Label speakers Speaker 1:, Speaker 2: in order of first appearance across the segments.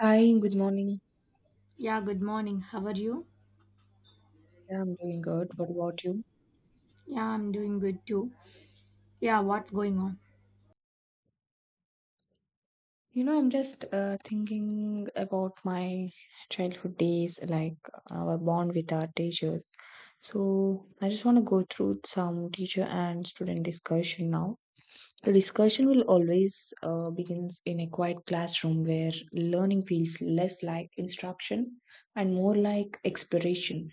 Speaker 1: Hi, good morning.
Speaker 2: Yeah, good morning. How are you?
Speaker 1: Yeah, I'm doing good. What about you?
Speaker 2: Yeah, I'm doing good too. Yeah, what's going on?
Speaker 1: You know, I'm just thinking about my childhood days, like our bond with our teachers. So I just want to go through some teacher and student discussion now. The discussion will always begins in a quiet classroom where learning feels less like instruction and more like exploration.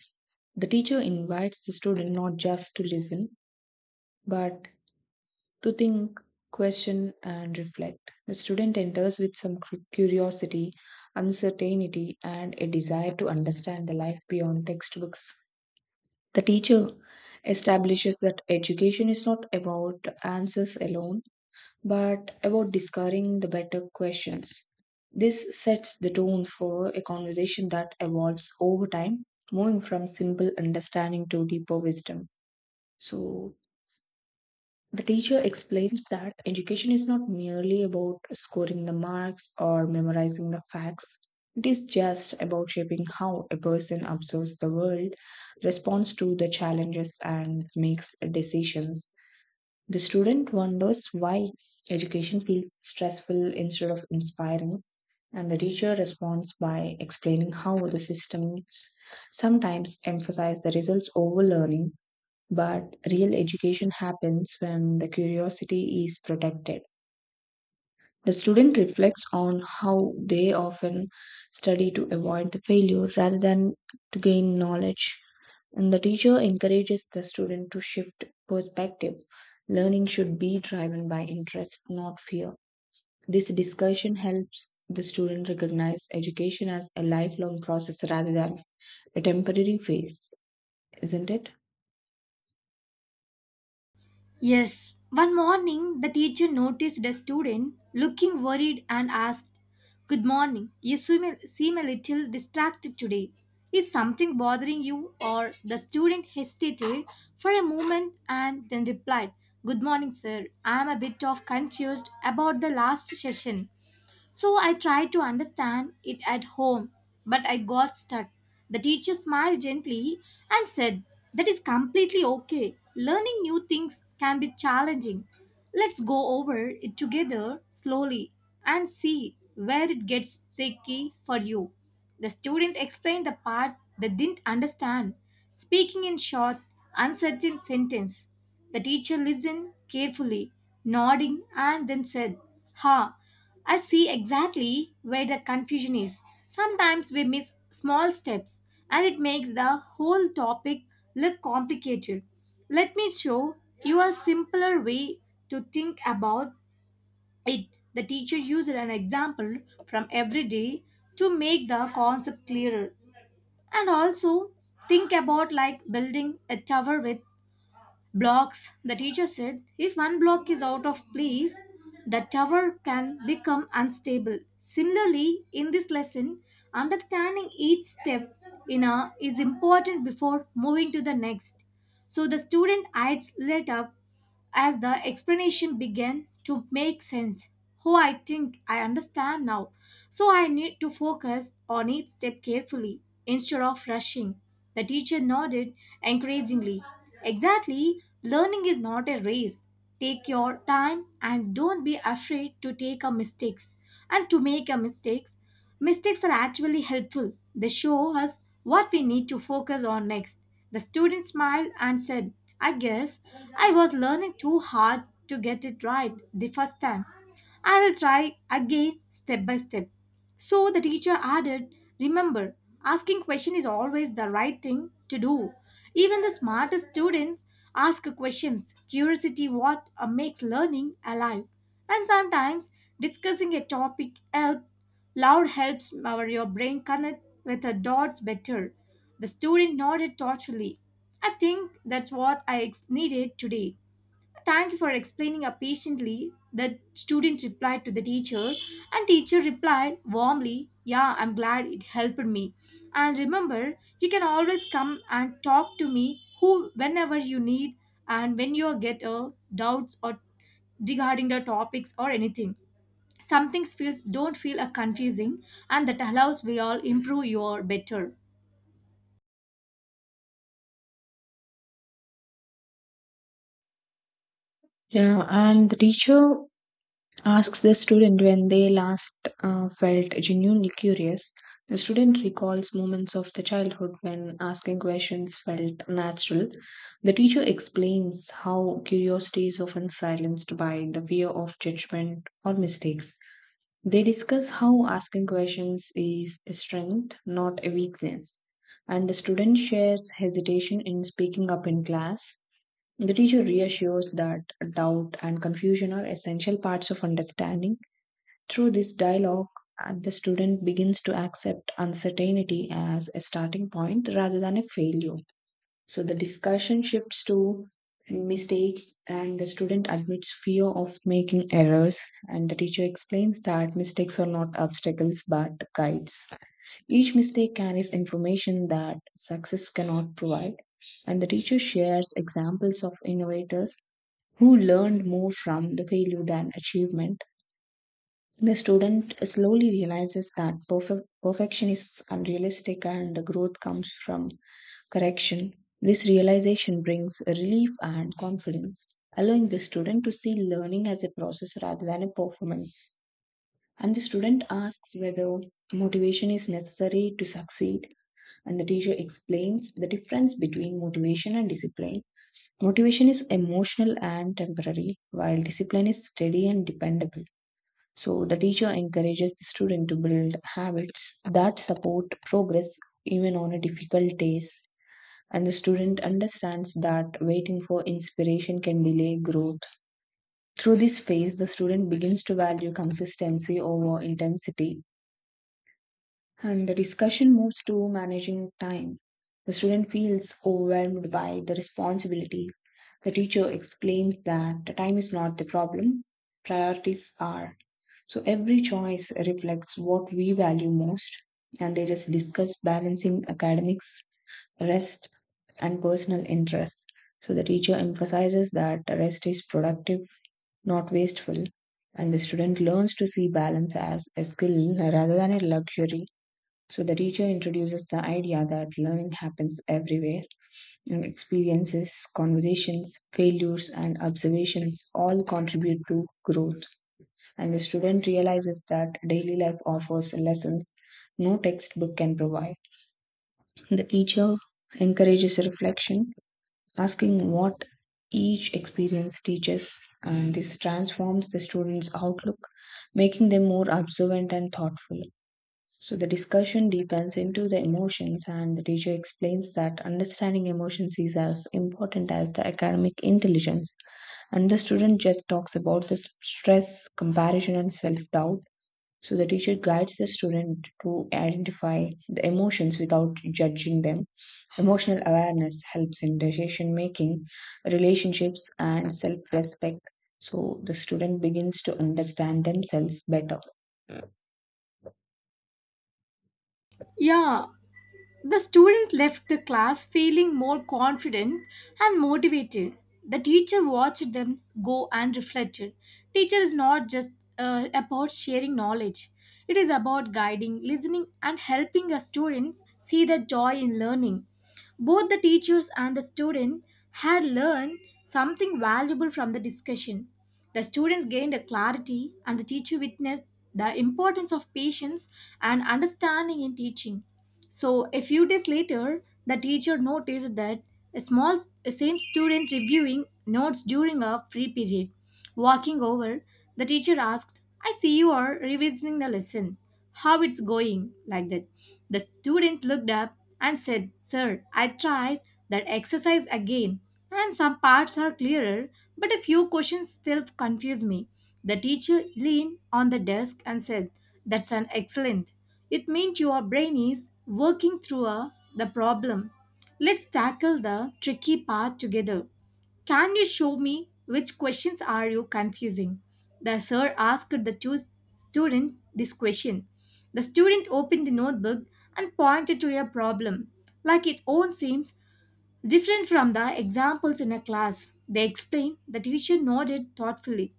Speaker 1: The teacher invites the student not just to listen, but to think, question, and reflect. The student enters with some curiosity, uncertainty, and a desire to understand the life beyond textbooks. The teacher establishes that education is not about answers alone, but about discovering the better questions. This sets the tone for a conversation that evolves over time, moving from simple understanding to deeper wisdom. So, the teacher explains that education is not merely about scoring the marks or memorizing the facts. It is just about shaping how a person observes the world, responds to the challenges, and makes decisions. The student wonders why education feels stressful instead of inspiring, and the teacher responds by explaining how the systems sometimes emphasize the results over learning but real education happens when the curiosity is protected. The student reflects on how they often study to avoid the failure rather than to gain knowledge. And the teacher encourages the student to shift perspective. Learning should be driven by interest, not fear. This discussion helps the student recognize education as a lifelong process rather than a temporary phase, isn't it?
Speaker 2: Yes. One morning, the teacher noticed a student looking worried and asked, good morning. You seem a little distracted today. Is something bothering you? Or the student hesitated for a moment and then replied, good morning, sir. I'm a bit of confused about the last session. So I tried to understand it at home, but I got stuck. The teacher smiled gently and said, that is completely okay. Learning new things can be challenging. Let's go over it together slowly and see where it gets tricky for you. The student explained the part they didn't understand, speaking in short, uncertain sentence. The teacher listened carefully, nodding, and then said, ha, I see exactly where the confusion is. Sometimes we miss small steps and it makes the whole topic look complicated. Let me show you a simpler way to think about it. The teacher used an example from every day to make the concept clearer. And also think about like building a tower with blocks, the teacher said, if one block is out of place, the tower can become unstable. Similarly, in this lesson, understanding each step in a is important before moving to the next. So the student adds let up as the explanation began to make sense. Oh, I think I understand now. So I need to focus on each step carefully instead of rushing. The teacher nodded encouragingly. Exactly, learning is not a race. Take your time and don't be afraid to take a mistakes. And to make a mistake, mistakes are actually helpful. They show us what we need to focus on next. The student smiled and said, I guess I was learning too hard to get it right the first time. I will try again step by step. So the teacher added, remember, asking question is always the right thing to do. Even the smartest students ask questions. Curiosity what makes learning alive. And sometimes discussing a topic helps loud helps our your brain connect with the dots better. The student nodded thoughtfully. I think that's what I needed today. Thank you for explaining patiently. The student replied to the teacher, and teacher replied warmly, "Yeah, I'm glad it helped me. And remember, you can always come and talk to me who whenever you need and when you get a doubts or regarding the topics or anything." Something feels don't feel a confusing and that allows we all improve your better.
Speaker 1: Yeah, and the teacher asks the student when they last felt genuinely curious. The student recalls moments of the childhood when asking questions felt natural. The teacher explains how curiosity is often silenced by the fear of judgment or mistakes. They discuss how asking questions is a strength, not a weakness. And the student shares hesitation in speaking up in class. The teacher reassures that doubt and confusion are essential parts of understanding through this dialogue, and the student begins to accept uncertainty as a starting point rather than a failure. So the discussion shifts to mistakes, and the student admits fear of making errors, and the teacher explains that mistakes are not obstacles but guides. Each mistake carries information that success cannot provide, and the teacher shares examples of innovators who learned more from the failure than achievement the student slowly realizes that perfection is unrealistic and the growth comes from correction. This realization brings relief and confidence, allowing the student to see learning as a process rather than a performance. And the student asks whether motivation is necessary to succeed, and the teacher explains the difference between motivation and discipline. Motivation is emotional and temporary, while discipline is steady and dependable. So the teacher encourages the student to build habits that support progress even on a difficult days. And the student understands that waiting for inspiration can delay growth. Through this phase, the student begins to value consistency over intensity and the discussion moves to managing time. The student feels overwhelmed by the responsibilities. The teacher explains that the time is not the problem, priorities are. So every choice reflects what we value most, and they just discuss balancing academics, rest, and personal interests. So the teacher emphasizes that rest is productive, not wasteful, and the student learns to see balance as a skill rather than a luxury so the teacher introduces the idea that learning happens everywhere, and experiences, conversations, failures, and observations all contribute to growth. And the student realizes that daily life offers lessons no textbook can provide. The teacher encourages reflection, asking what each experience teaches, and this transforms the student's outlook, making them more observant and thoughtful. So the discussion deepens into the emotions, and the teacher explains that understanding emotions is as important as the academic intelligence. And the student just talks about the stress, comparison, and self doubt. So the teacher guides the student to identify the emotions without judging them. Emotional awareness helps in decision making, relationships, and self respect. So the student begins to understand themselves better.
Speaker 2: Yeah, the student left the class feeling more confident and motivated. The teacher watched them go and reflected. Teacher is not just about sharing knowledge. It is about guiding, listening and helping the students see the joy in learning. Both the teachers and the student had learned something valuable from the discussion. The students gained a clarity and the teacher witnessed the importance of patience and understanding in teaching. So a few days later, the teacher noticed that a small same student reviewing notes during a free period. Walking over, the teacher asked, "I see you are revisiting the lesson. How it's going?" Like that. The student looked up and said, "Sir, I tried that exercise again, and some parts are clearer, but a few questions still confuse me." The teacher leaned on the desk and said, "That's an excellent." It means your brain is working through the problem. Let's tackle the tricky part together. Can you show me which questions are you confusing? The sir asked the two student this question. The student opened the notebook and pointed to a problem, like it own seems different from the examples in a class. They explained. The teacher nodded thoughtfully.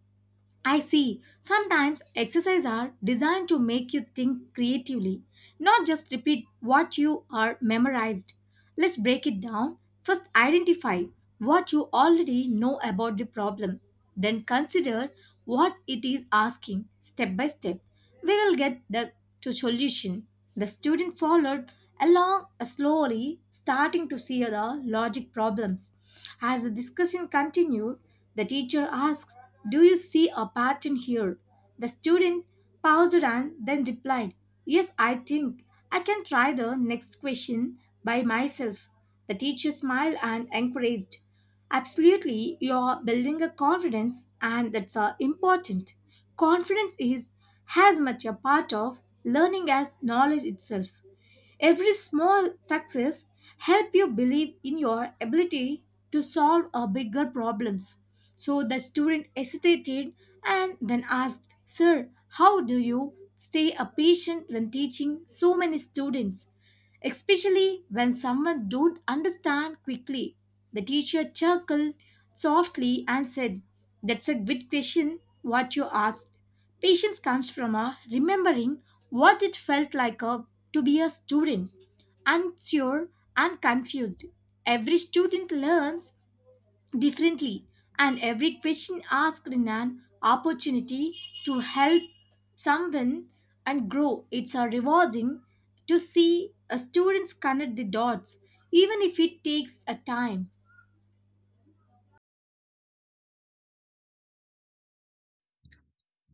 Speaker 2: I see. Sometimes exercise are designed to make you think creatively, not just repeat what you are memorized. Let's break it down. First, identify what you already know about the problem. Then consider what it is asking step by step. We will get the to solution. The student followed along slowly, starting to see the logic problems. As the discussion continued, the teacher asked, do you see a pattern here? The student paused and then replied, yes, I think I can try the next question by myself. The teacher smiled and encouraged, absolutely, you are building a confidence and that's important. Confidence is as much a part of learning as knowledge itself. Every small success help you believe in your ability to solve a bigger problems. So the student hesitated and then asked, "Sir, how do you stay a patient when teaching so many students, especially when someone don't understand quickly?" The teacher chuckled softly and said, "That's a good question what you asked. Patience comes from a remembering what it felt like, to be a student, unsure and confused. Every student learns differently, and every question asked in an opportunity to help someone and grow. It's a rewarding to see a students connect the dots, even if it takes a time.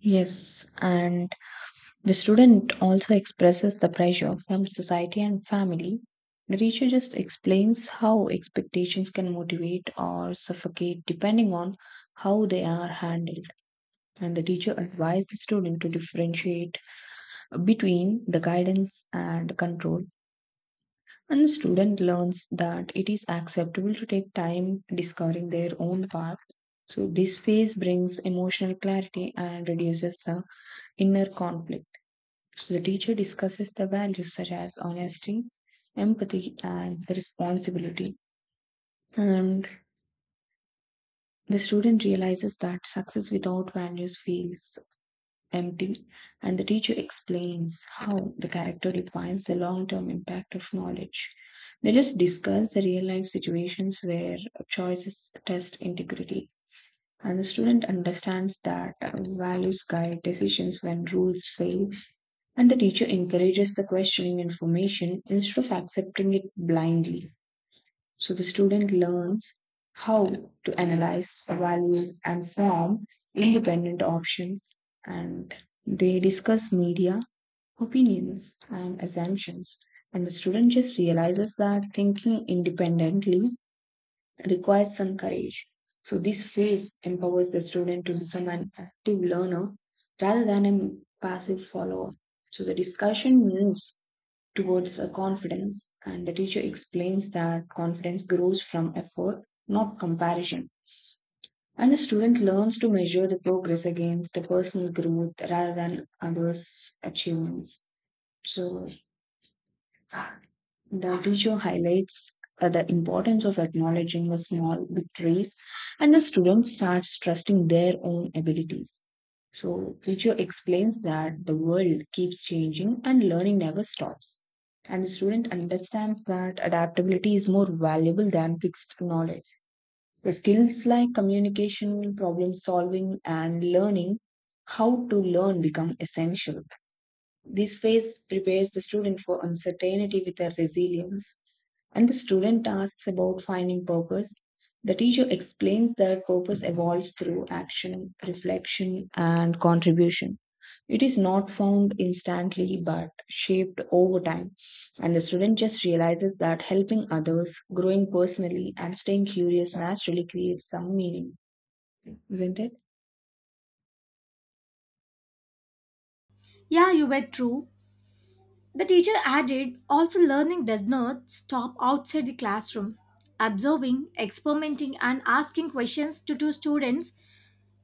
Speaker 1: Yes, and the student also expresses the pressure from society and family. The teacher just explains how expectations can motivate or suffocate depending on how they are handled. And the teacher advises the student to differentiate between the guidance and control. And the student learns that it is acceptable to take time discovering their own path. So, this phase brings emotional clarity and reduces the inner conflict. So the teacher discusses the values such as honesty, empathy, and responsibility. And the student realizes that success without values feels empty, and the teacher explains how the character defines the long term impact of knowledge. They just discuss the real life situations where choices test integrity. And the student understands that values guide decisions when rules fail. And the teacher encourages the questioning information instead of accepting it blindly. So the student learns how to analyze, evaluate, and form independent options. And they discuss media, opinions, and assumptions. And the student just realizes that thinking independently requires some courage. So, this phase empowers the student to become an active learner rather than a passive follower. So, the discussion moves towards a confidence, and the teacher explains that confidence grows from effort, not comparison. And the student learns to measure the progress against the personal growth rather than others' achievements. So, the video highlights the importance of acknowledging the small victories, and the student starts trusting their own abilities. So, Richo explains that the world keeps changing and learning never stops. And the student understands that adaptability is more valuable than fixed knowledge. The skills like communication, problem solving, and learning how to learn become essential. This phase prepares the student for uncertainty with their resilience, and the student asks about finding purpose. The teacher explains that purpose evolves through action, reflection, and contribution. It is not found instantly but shaped over time, and the student just realizes that helping others, growing personally, and staying curious naturally creates some meaning, isn't it?
Speaker 2: Yeah, you were true. The teacher added also, learning does not stop outside the classroom. Observing, experimenting, and asking questions to two students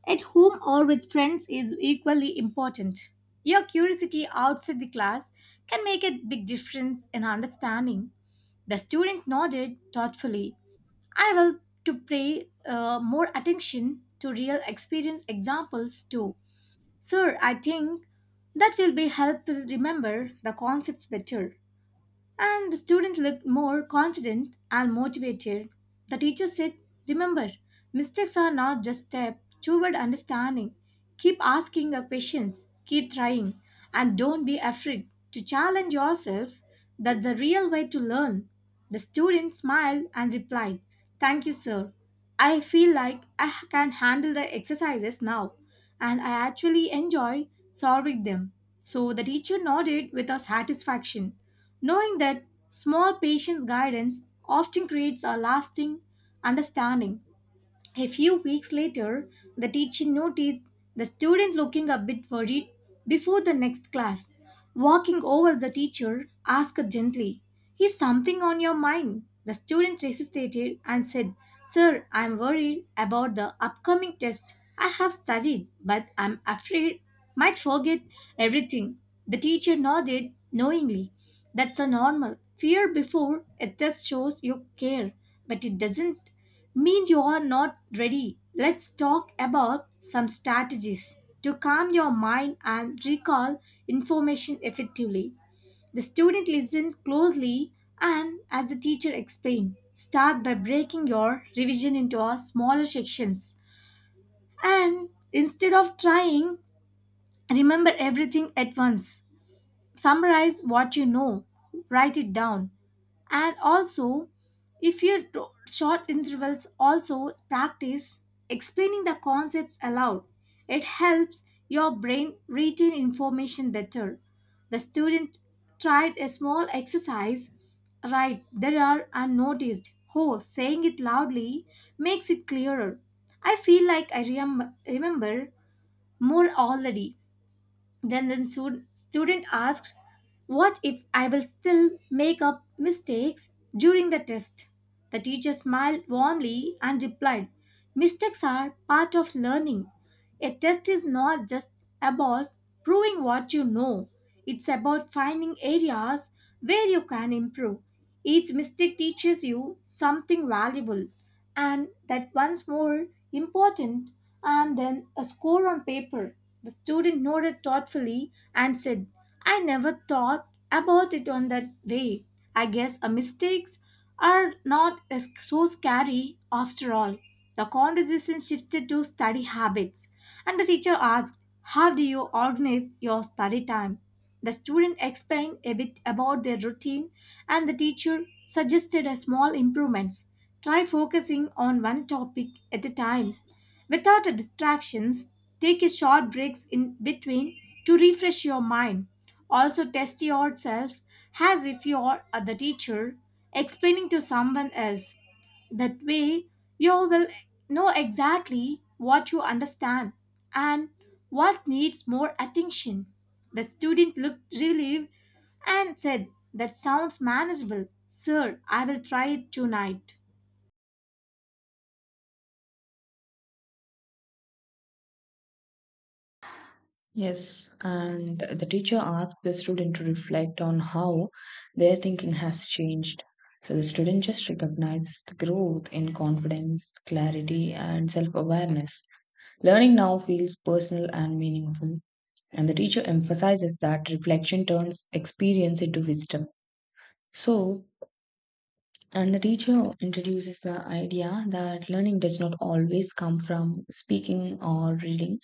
Speaker 2: at home or with friends is equally important. Your curiosity outside the class can make a big difference in understanding. The student nodded thoughtfully. I will to pay more attention to real experience examples too. Sir, I think that will be helpful remember the concepts better. And the student looked more confident and motivated. The teacher said, remember, mistakes are not just step toward understanding. Keep asking the questions, keep trying, and don't be afraid to challenge yourself. That's the real way to learn. The student smiled and replied, thank you, sir. I feel like I can handle the exercises now, and I actually enjoy solving them. So the teacher nodded with a satisfaction, knowing that small patient guidance often creates a lasting understanding. A few weeks later, the teacher noticed the student looking a bit worried before the next class. Walking over the teacher, asked gently, is something on your mind? The student hesitated and said, sir, I'm worried about the upcoming test. I have studied, but I'm afraid might forget everything. The teacher nodded knowingly. That's a normal fear before a test shows you care, but it doesn't mean you are not ready. Let's talk about some strategies to calm your mind and recall information effectively. The student listens closely and, as the teacher explained, start by breaking your revision into a smaller sections and instead of trying remember everything at once. Summarize what you know, write it down, and also if your short intervals also practice explaining the concepts aloud. It helps your brain retain information better. The student tried a small exercise right there are unnoticed. Oh, saying it loudly makes it clearer. I feel like I remember more already. Then the student asked, what if I will still make up mistakes during the test? The teacher smiled warmly and replied, mistakes are part of learning. A test is not just about proving what you know, it's about finding areas where you can improve. Each mistake teaches you something valuable and that once more important and then a score on paper. The student nodded thoughtfully and said, I never thought about it on that way. I guess our mistakes are not so scary after all. The conversation shifted to study habits, and the teacher asked, how do you organize your study time? The student explained a bit about their routine, and the teacher suggested a small improvements. Try focusing on one topic at a time without distractions. Take a short breaks in between to refresh your mind. Also test yourself as if you are the teacher explaining to someone else. That way you will know exactly what you understand and what needs more attention. The student looked relieved and said, that sounds manageable. Sir, I will try it tonight.
Speaker 1: Yes, and the teacher asked the student to reflect on how their thinking has changed. So the student just recognizes the growth in confidence, clarity, and self awareness. Learning now feels personal and meaningful, and the teacher emphasizes that reflection turns experience into wisdom. So and the teacher introduces the idea that learning does not always come from speaking or reading,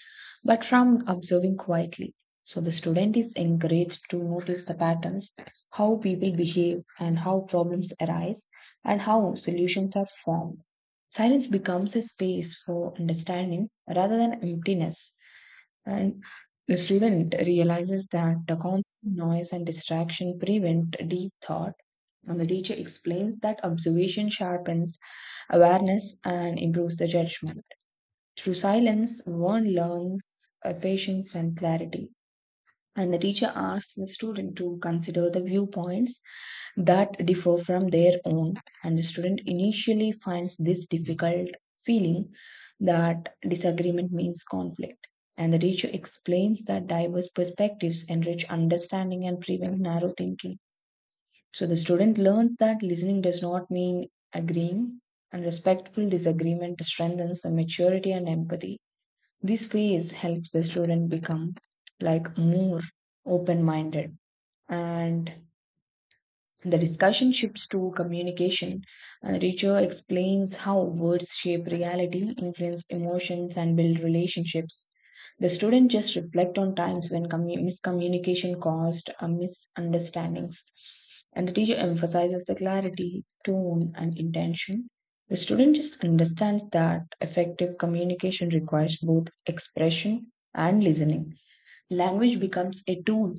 Speaker 1: but from observing quietly. So the student is encouraged to notice the patterns, how people behave, and how problems arise, and how solutions are formed. Silence becomes a space for understanding rather than emptiness. And the student realizes that the constant noise and distraction prevent deep thought. And the teacher explains that observation sharpens awareness and improves the judgment. Through silence, one learns patience and clarity. And the teacher asks the student to consider the viewpoints that differ from their own and the student initially finds this difficult feeling that disagreement means conflict and the teacher explains that diverse perspectives enrich understanding and prevent narrow thinking so the student learns that listening does not mean agreeing and respectful disagreement strengthens the maturity and empathy this phase helps the student become like more open minded and the discussion shifts to communication. Richo explains how words shape reality, influence emotions, and build relationships. The students just reflect on times when miscommunication caused misunderstandings, and the teacher emphasizes the clarity, tone, and intention. The student just understands that effective communication requires both expression and listening. Language becomes a tool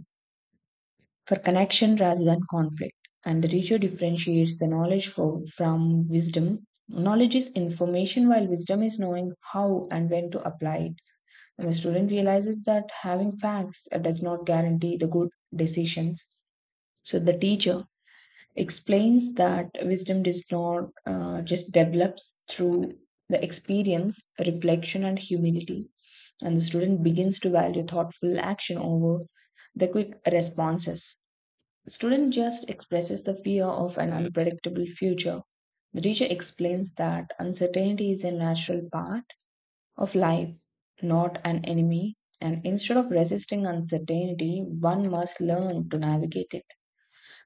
Speaker 1: for connection rather than conflict. And the teacher differentiates the knowledge from wisdom. Knowledge is information, while wisdom is knowing how and when to apply it. And the student realizes that having facts does not guarantee the good decisions. So the teacher explains that wisdom does not just develops through the experience, reflection, and humility. And the student begins to value thoughtful action over the quick responses. The student just expresses the fear of an unpredictable future. The teacher explains that uncertainty is a natural part of life, not an enemy. And instead of resisting uncertainty, one must learn to navigate it.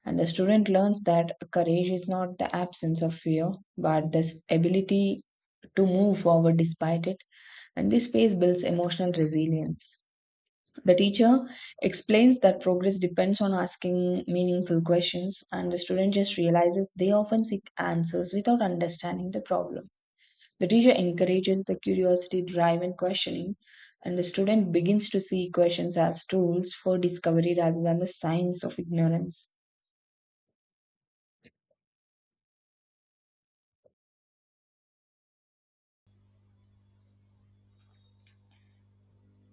Speaker 1: And the student learns that courage is not the absence of fear, but this ability to move forward despite it. And this phase builds emotional resilience. The teacher explains that progress depends on asking meaningful questions, and the student just realizes they often seek answers without understanding the problem. The teacher encourages the curiosity, drive, and questioning, and the student begins to see questions as tools for discovery rather than the signs of ignorance.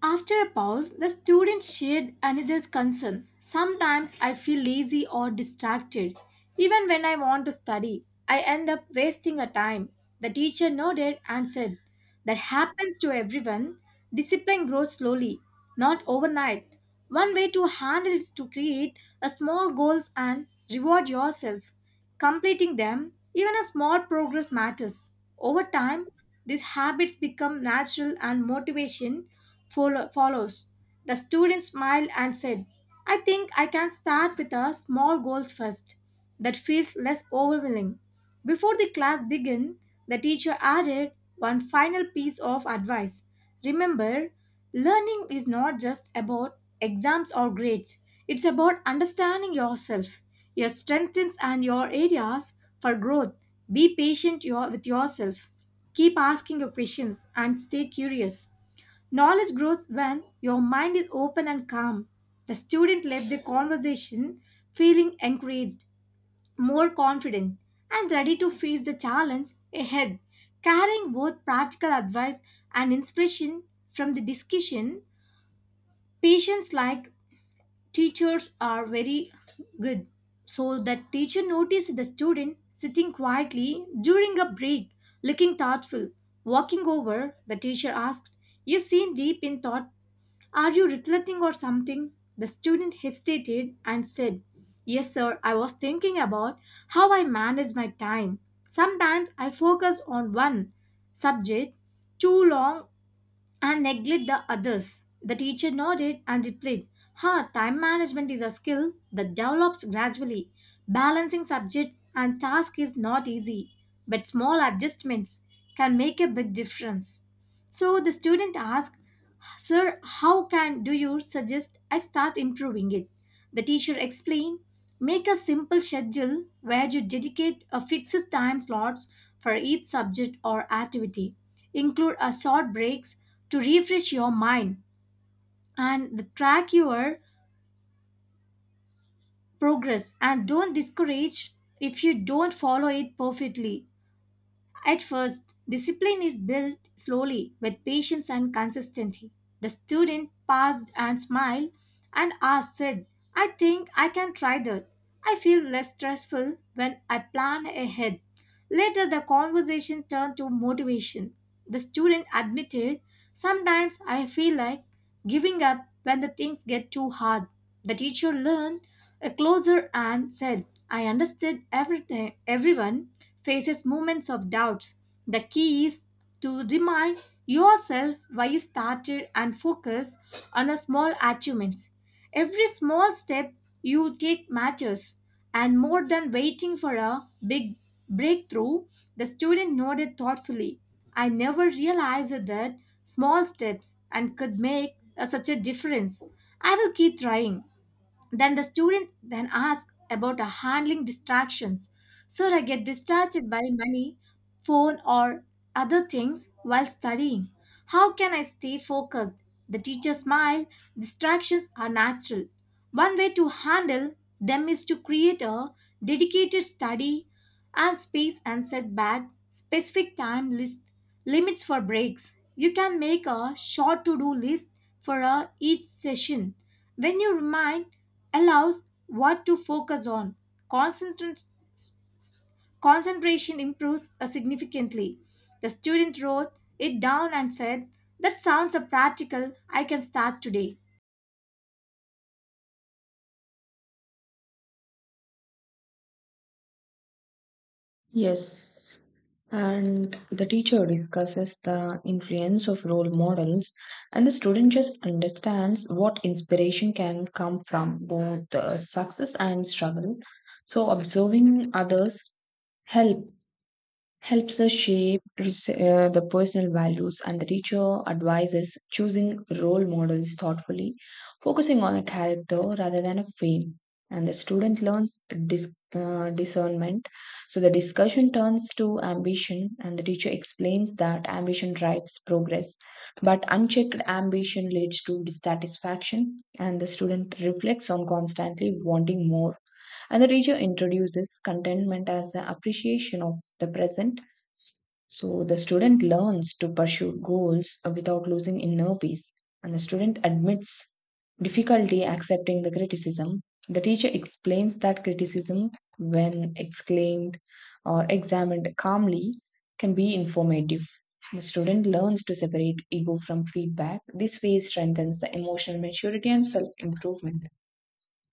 Speaker 2: After a pause, the student shared another concern. Sometimes I feel lazy or distracted. Even when I want to study, I end up wasting a time. The teacher nodded and said, that happens to everyone. Discipline grows slowly, not overnight. One way to handle it is to create a small goals and reward yourself. Completing them, even a small progress matters. Over time, these habits become natural and motivation follows. The student smiled and said, I think I can start with a small goals first that feels less overwhelming. Before the class began, the teacher added one final piece of advice. Remember, learning is not just about exams or grades. It's about understanding yourself, your strengths and your areas for growth. Be patient, with yourself. Keep asking your questions and stay curious. Knowledge grows when your mind is open and calm. The student left the conversation feeling encouraged, more confident, and ready to face the challenge ahead, carrying both practical advice and inspiration from the discussion. Patients like teachers are very good. So the teacher noticed the student sitting quietly during a break, looking thoughtful. Walking over, the teacher asked, you seem deep in thought, are you reflecting or something? The student hesitated and said, yes, sir, I was thinking about how I manage my time. Sometimes I focus on one subject too long and neglect the others. The teacher nodded and replied, ha, time management is a skill that develops gradually. Balancing subjects and tasks is not easy, but small adjustments can make a big difference. So the student asked, sir, how can do you suggest I start improving it? The teacher explained, make a simple schedule where you dedicate a fixed time slots for each subject or activity. Include a short breaks to refresh your mind and track your progress and don't discourage if you don't follow it perfectly. At first, discipline is built slowly with patience and consistency. The student paused and smiled and said, I think I can try that. I feel less stressful when I plan ahead. Later, the conversation turned to motivation. The student admitted, sometimes I feel like giving up when the things get too hard. The teacher learned a closer and said, I understood everything, everyone faces moments of doubts. The key is to remind yourself why you started and focus on a small achievements. Every small step you take matters, and more than waiting for a big breakthrough, the student nodded thoughtfully. I never realized that small steps and could make such a difference. I will keep trying. Then the student then asks about handling distractions. Sir, I get distracted by money, phone, or other things while studying. How can I stay focused? The teacher smiled. Distractions are natural. One way to handle them is to create a dedicated study and space and set back specific time list limits for breaks. You can make a short to do list for each session. When you remind allows what to focus on. Concentrat- Concentration improves significantly. The student wrote it down and said, that sounds a practical, I can start today.
Speaker 1: Yes, and the teacher discusses the influence of role models, and the student just understands what inspiration can come from both success and struggle. So, observing others help helps us shape the personal values and the teacher advises choosing role models thoughtfully focusing on a character rather than a fame and the student learns discernment so the discussion turns to ambition and the teacher explains that ambition drives progress but unchecked ambition leads to dissatisfaction and the student reflects on constantly wanting more and the teacher introduces contentment as an appreciation of the present. So the student learns to pursue goals without losing inner peace. And the student admits difficulty accepting the criticism. The teacher explains that criticism, when exclaimed or examined calmly, can be informative. The student learns to separate ego from feedback. This way strengthens the emotional maturity and self improvement.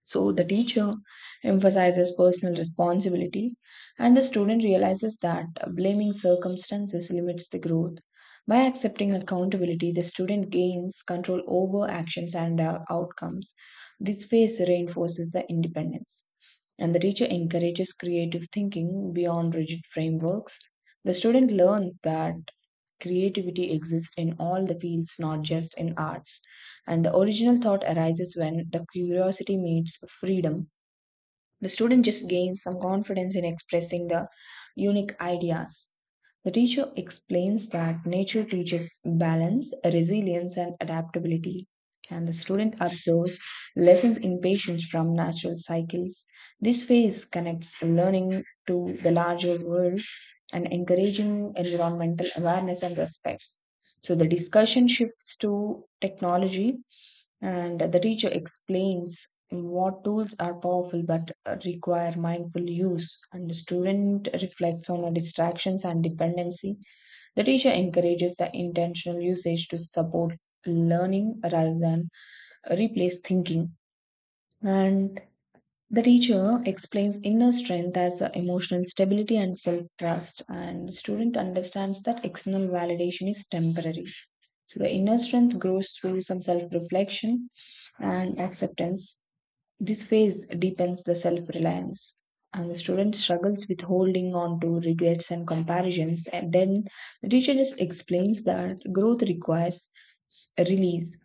Speaker 1: So the teacher emphasizes personal responsibility, and the student realizes that blaming circumstances limits the growth. By accepting accountability, the student gains control over actions and outcomes. This phase reinforces the independence. And the teacher encourages creative thinking beyond rigid frameworks. The student learns that creativity exists in all the fields, not just in arts. And the original thought arises when the curiosity meets freedom the student just gains some confidence in expressing the unique ideas. The teacher explains that nature teaches balance, resilience, and adaptability. And the student observes lessons in patience from natural cycles. This phase connects learning to the larger world and encouraging environmental awareness and respect. So the discussion shifts to technology and the teacher explains what tools are powerful but require mindful use and the student reflects on distractions and dependency the teacher encourages the intentional usage to support learning rather than replace thinking and the teacher explains inner strength as emotional stability and self trust, and the student understands that external validation is temporary. So, the inner strength grows through some self reflection and acceptance. This phase deepens the self reliance, and the student struggles with holding on to regrets and comparisons. And then the teacher just explains that growth requires release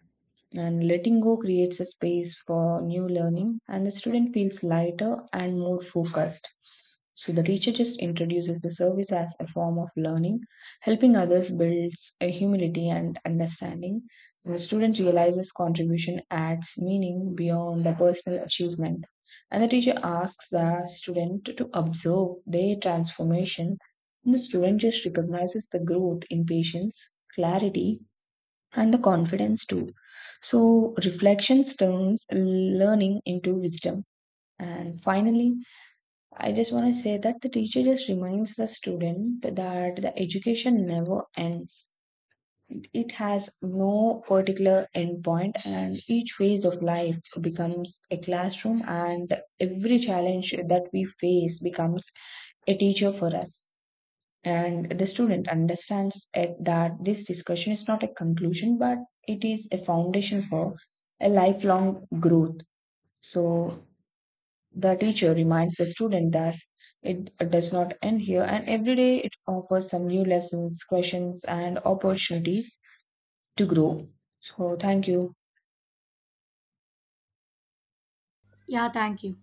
Speaker 1: and letting go creates a space for new learning, and the student feels lighter and more focused. So the teacher just introduces the service as a form of learning. Helping others builds a humility and understanding. And the student realizes contribution adds meaning beyond the personal achievement. And the teacher asks the student to observe their transformation. And the student just recognizes the growth in patience, clarity, and the confidence too. So, reflections turns learning into wisdom. And finally, I just want to say that the teacher just reminds the student that the education never ends. It has no particular endpoint, and each phase of life becomes a classroom, and every challenge that we face becomes a teacher for us and the student understands it that this discussion is not a conclusion but it is a foundation for a lifelong growth so the teacher reminds the student that it does not end here and every day it offers some new lessons questions and opportunities to grow so thank you.
Speaker 2: Yeah, thank you.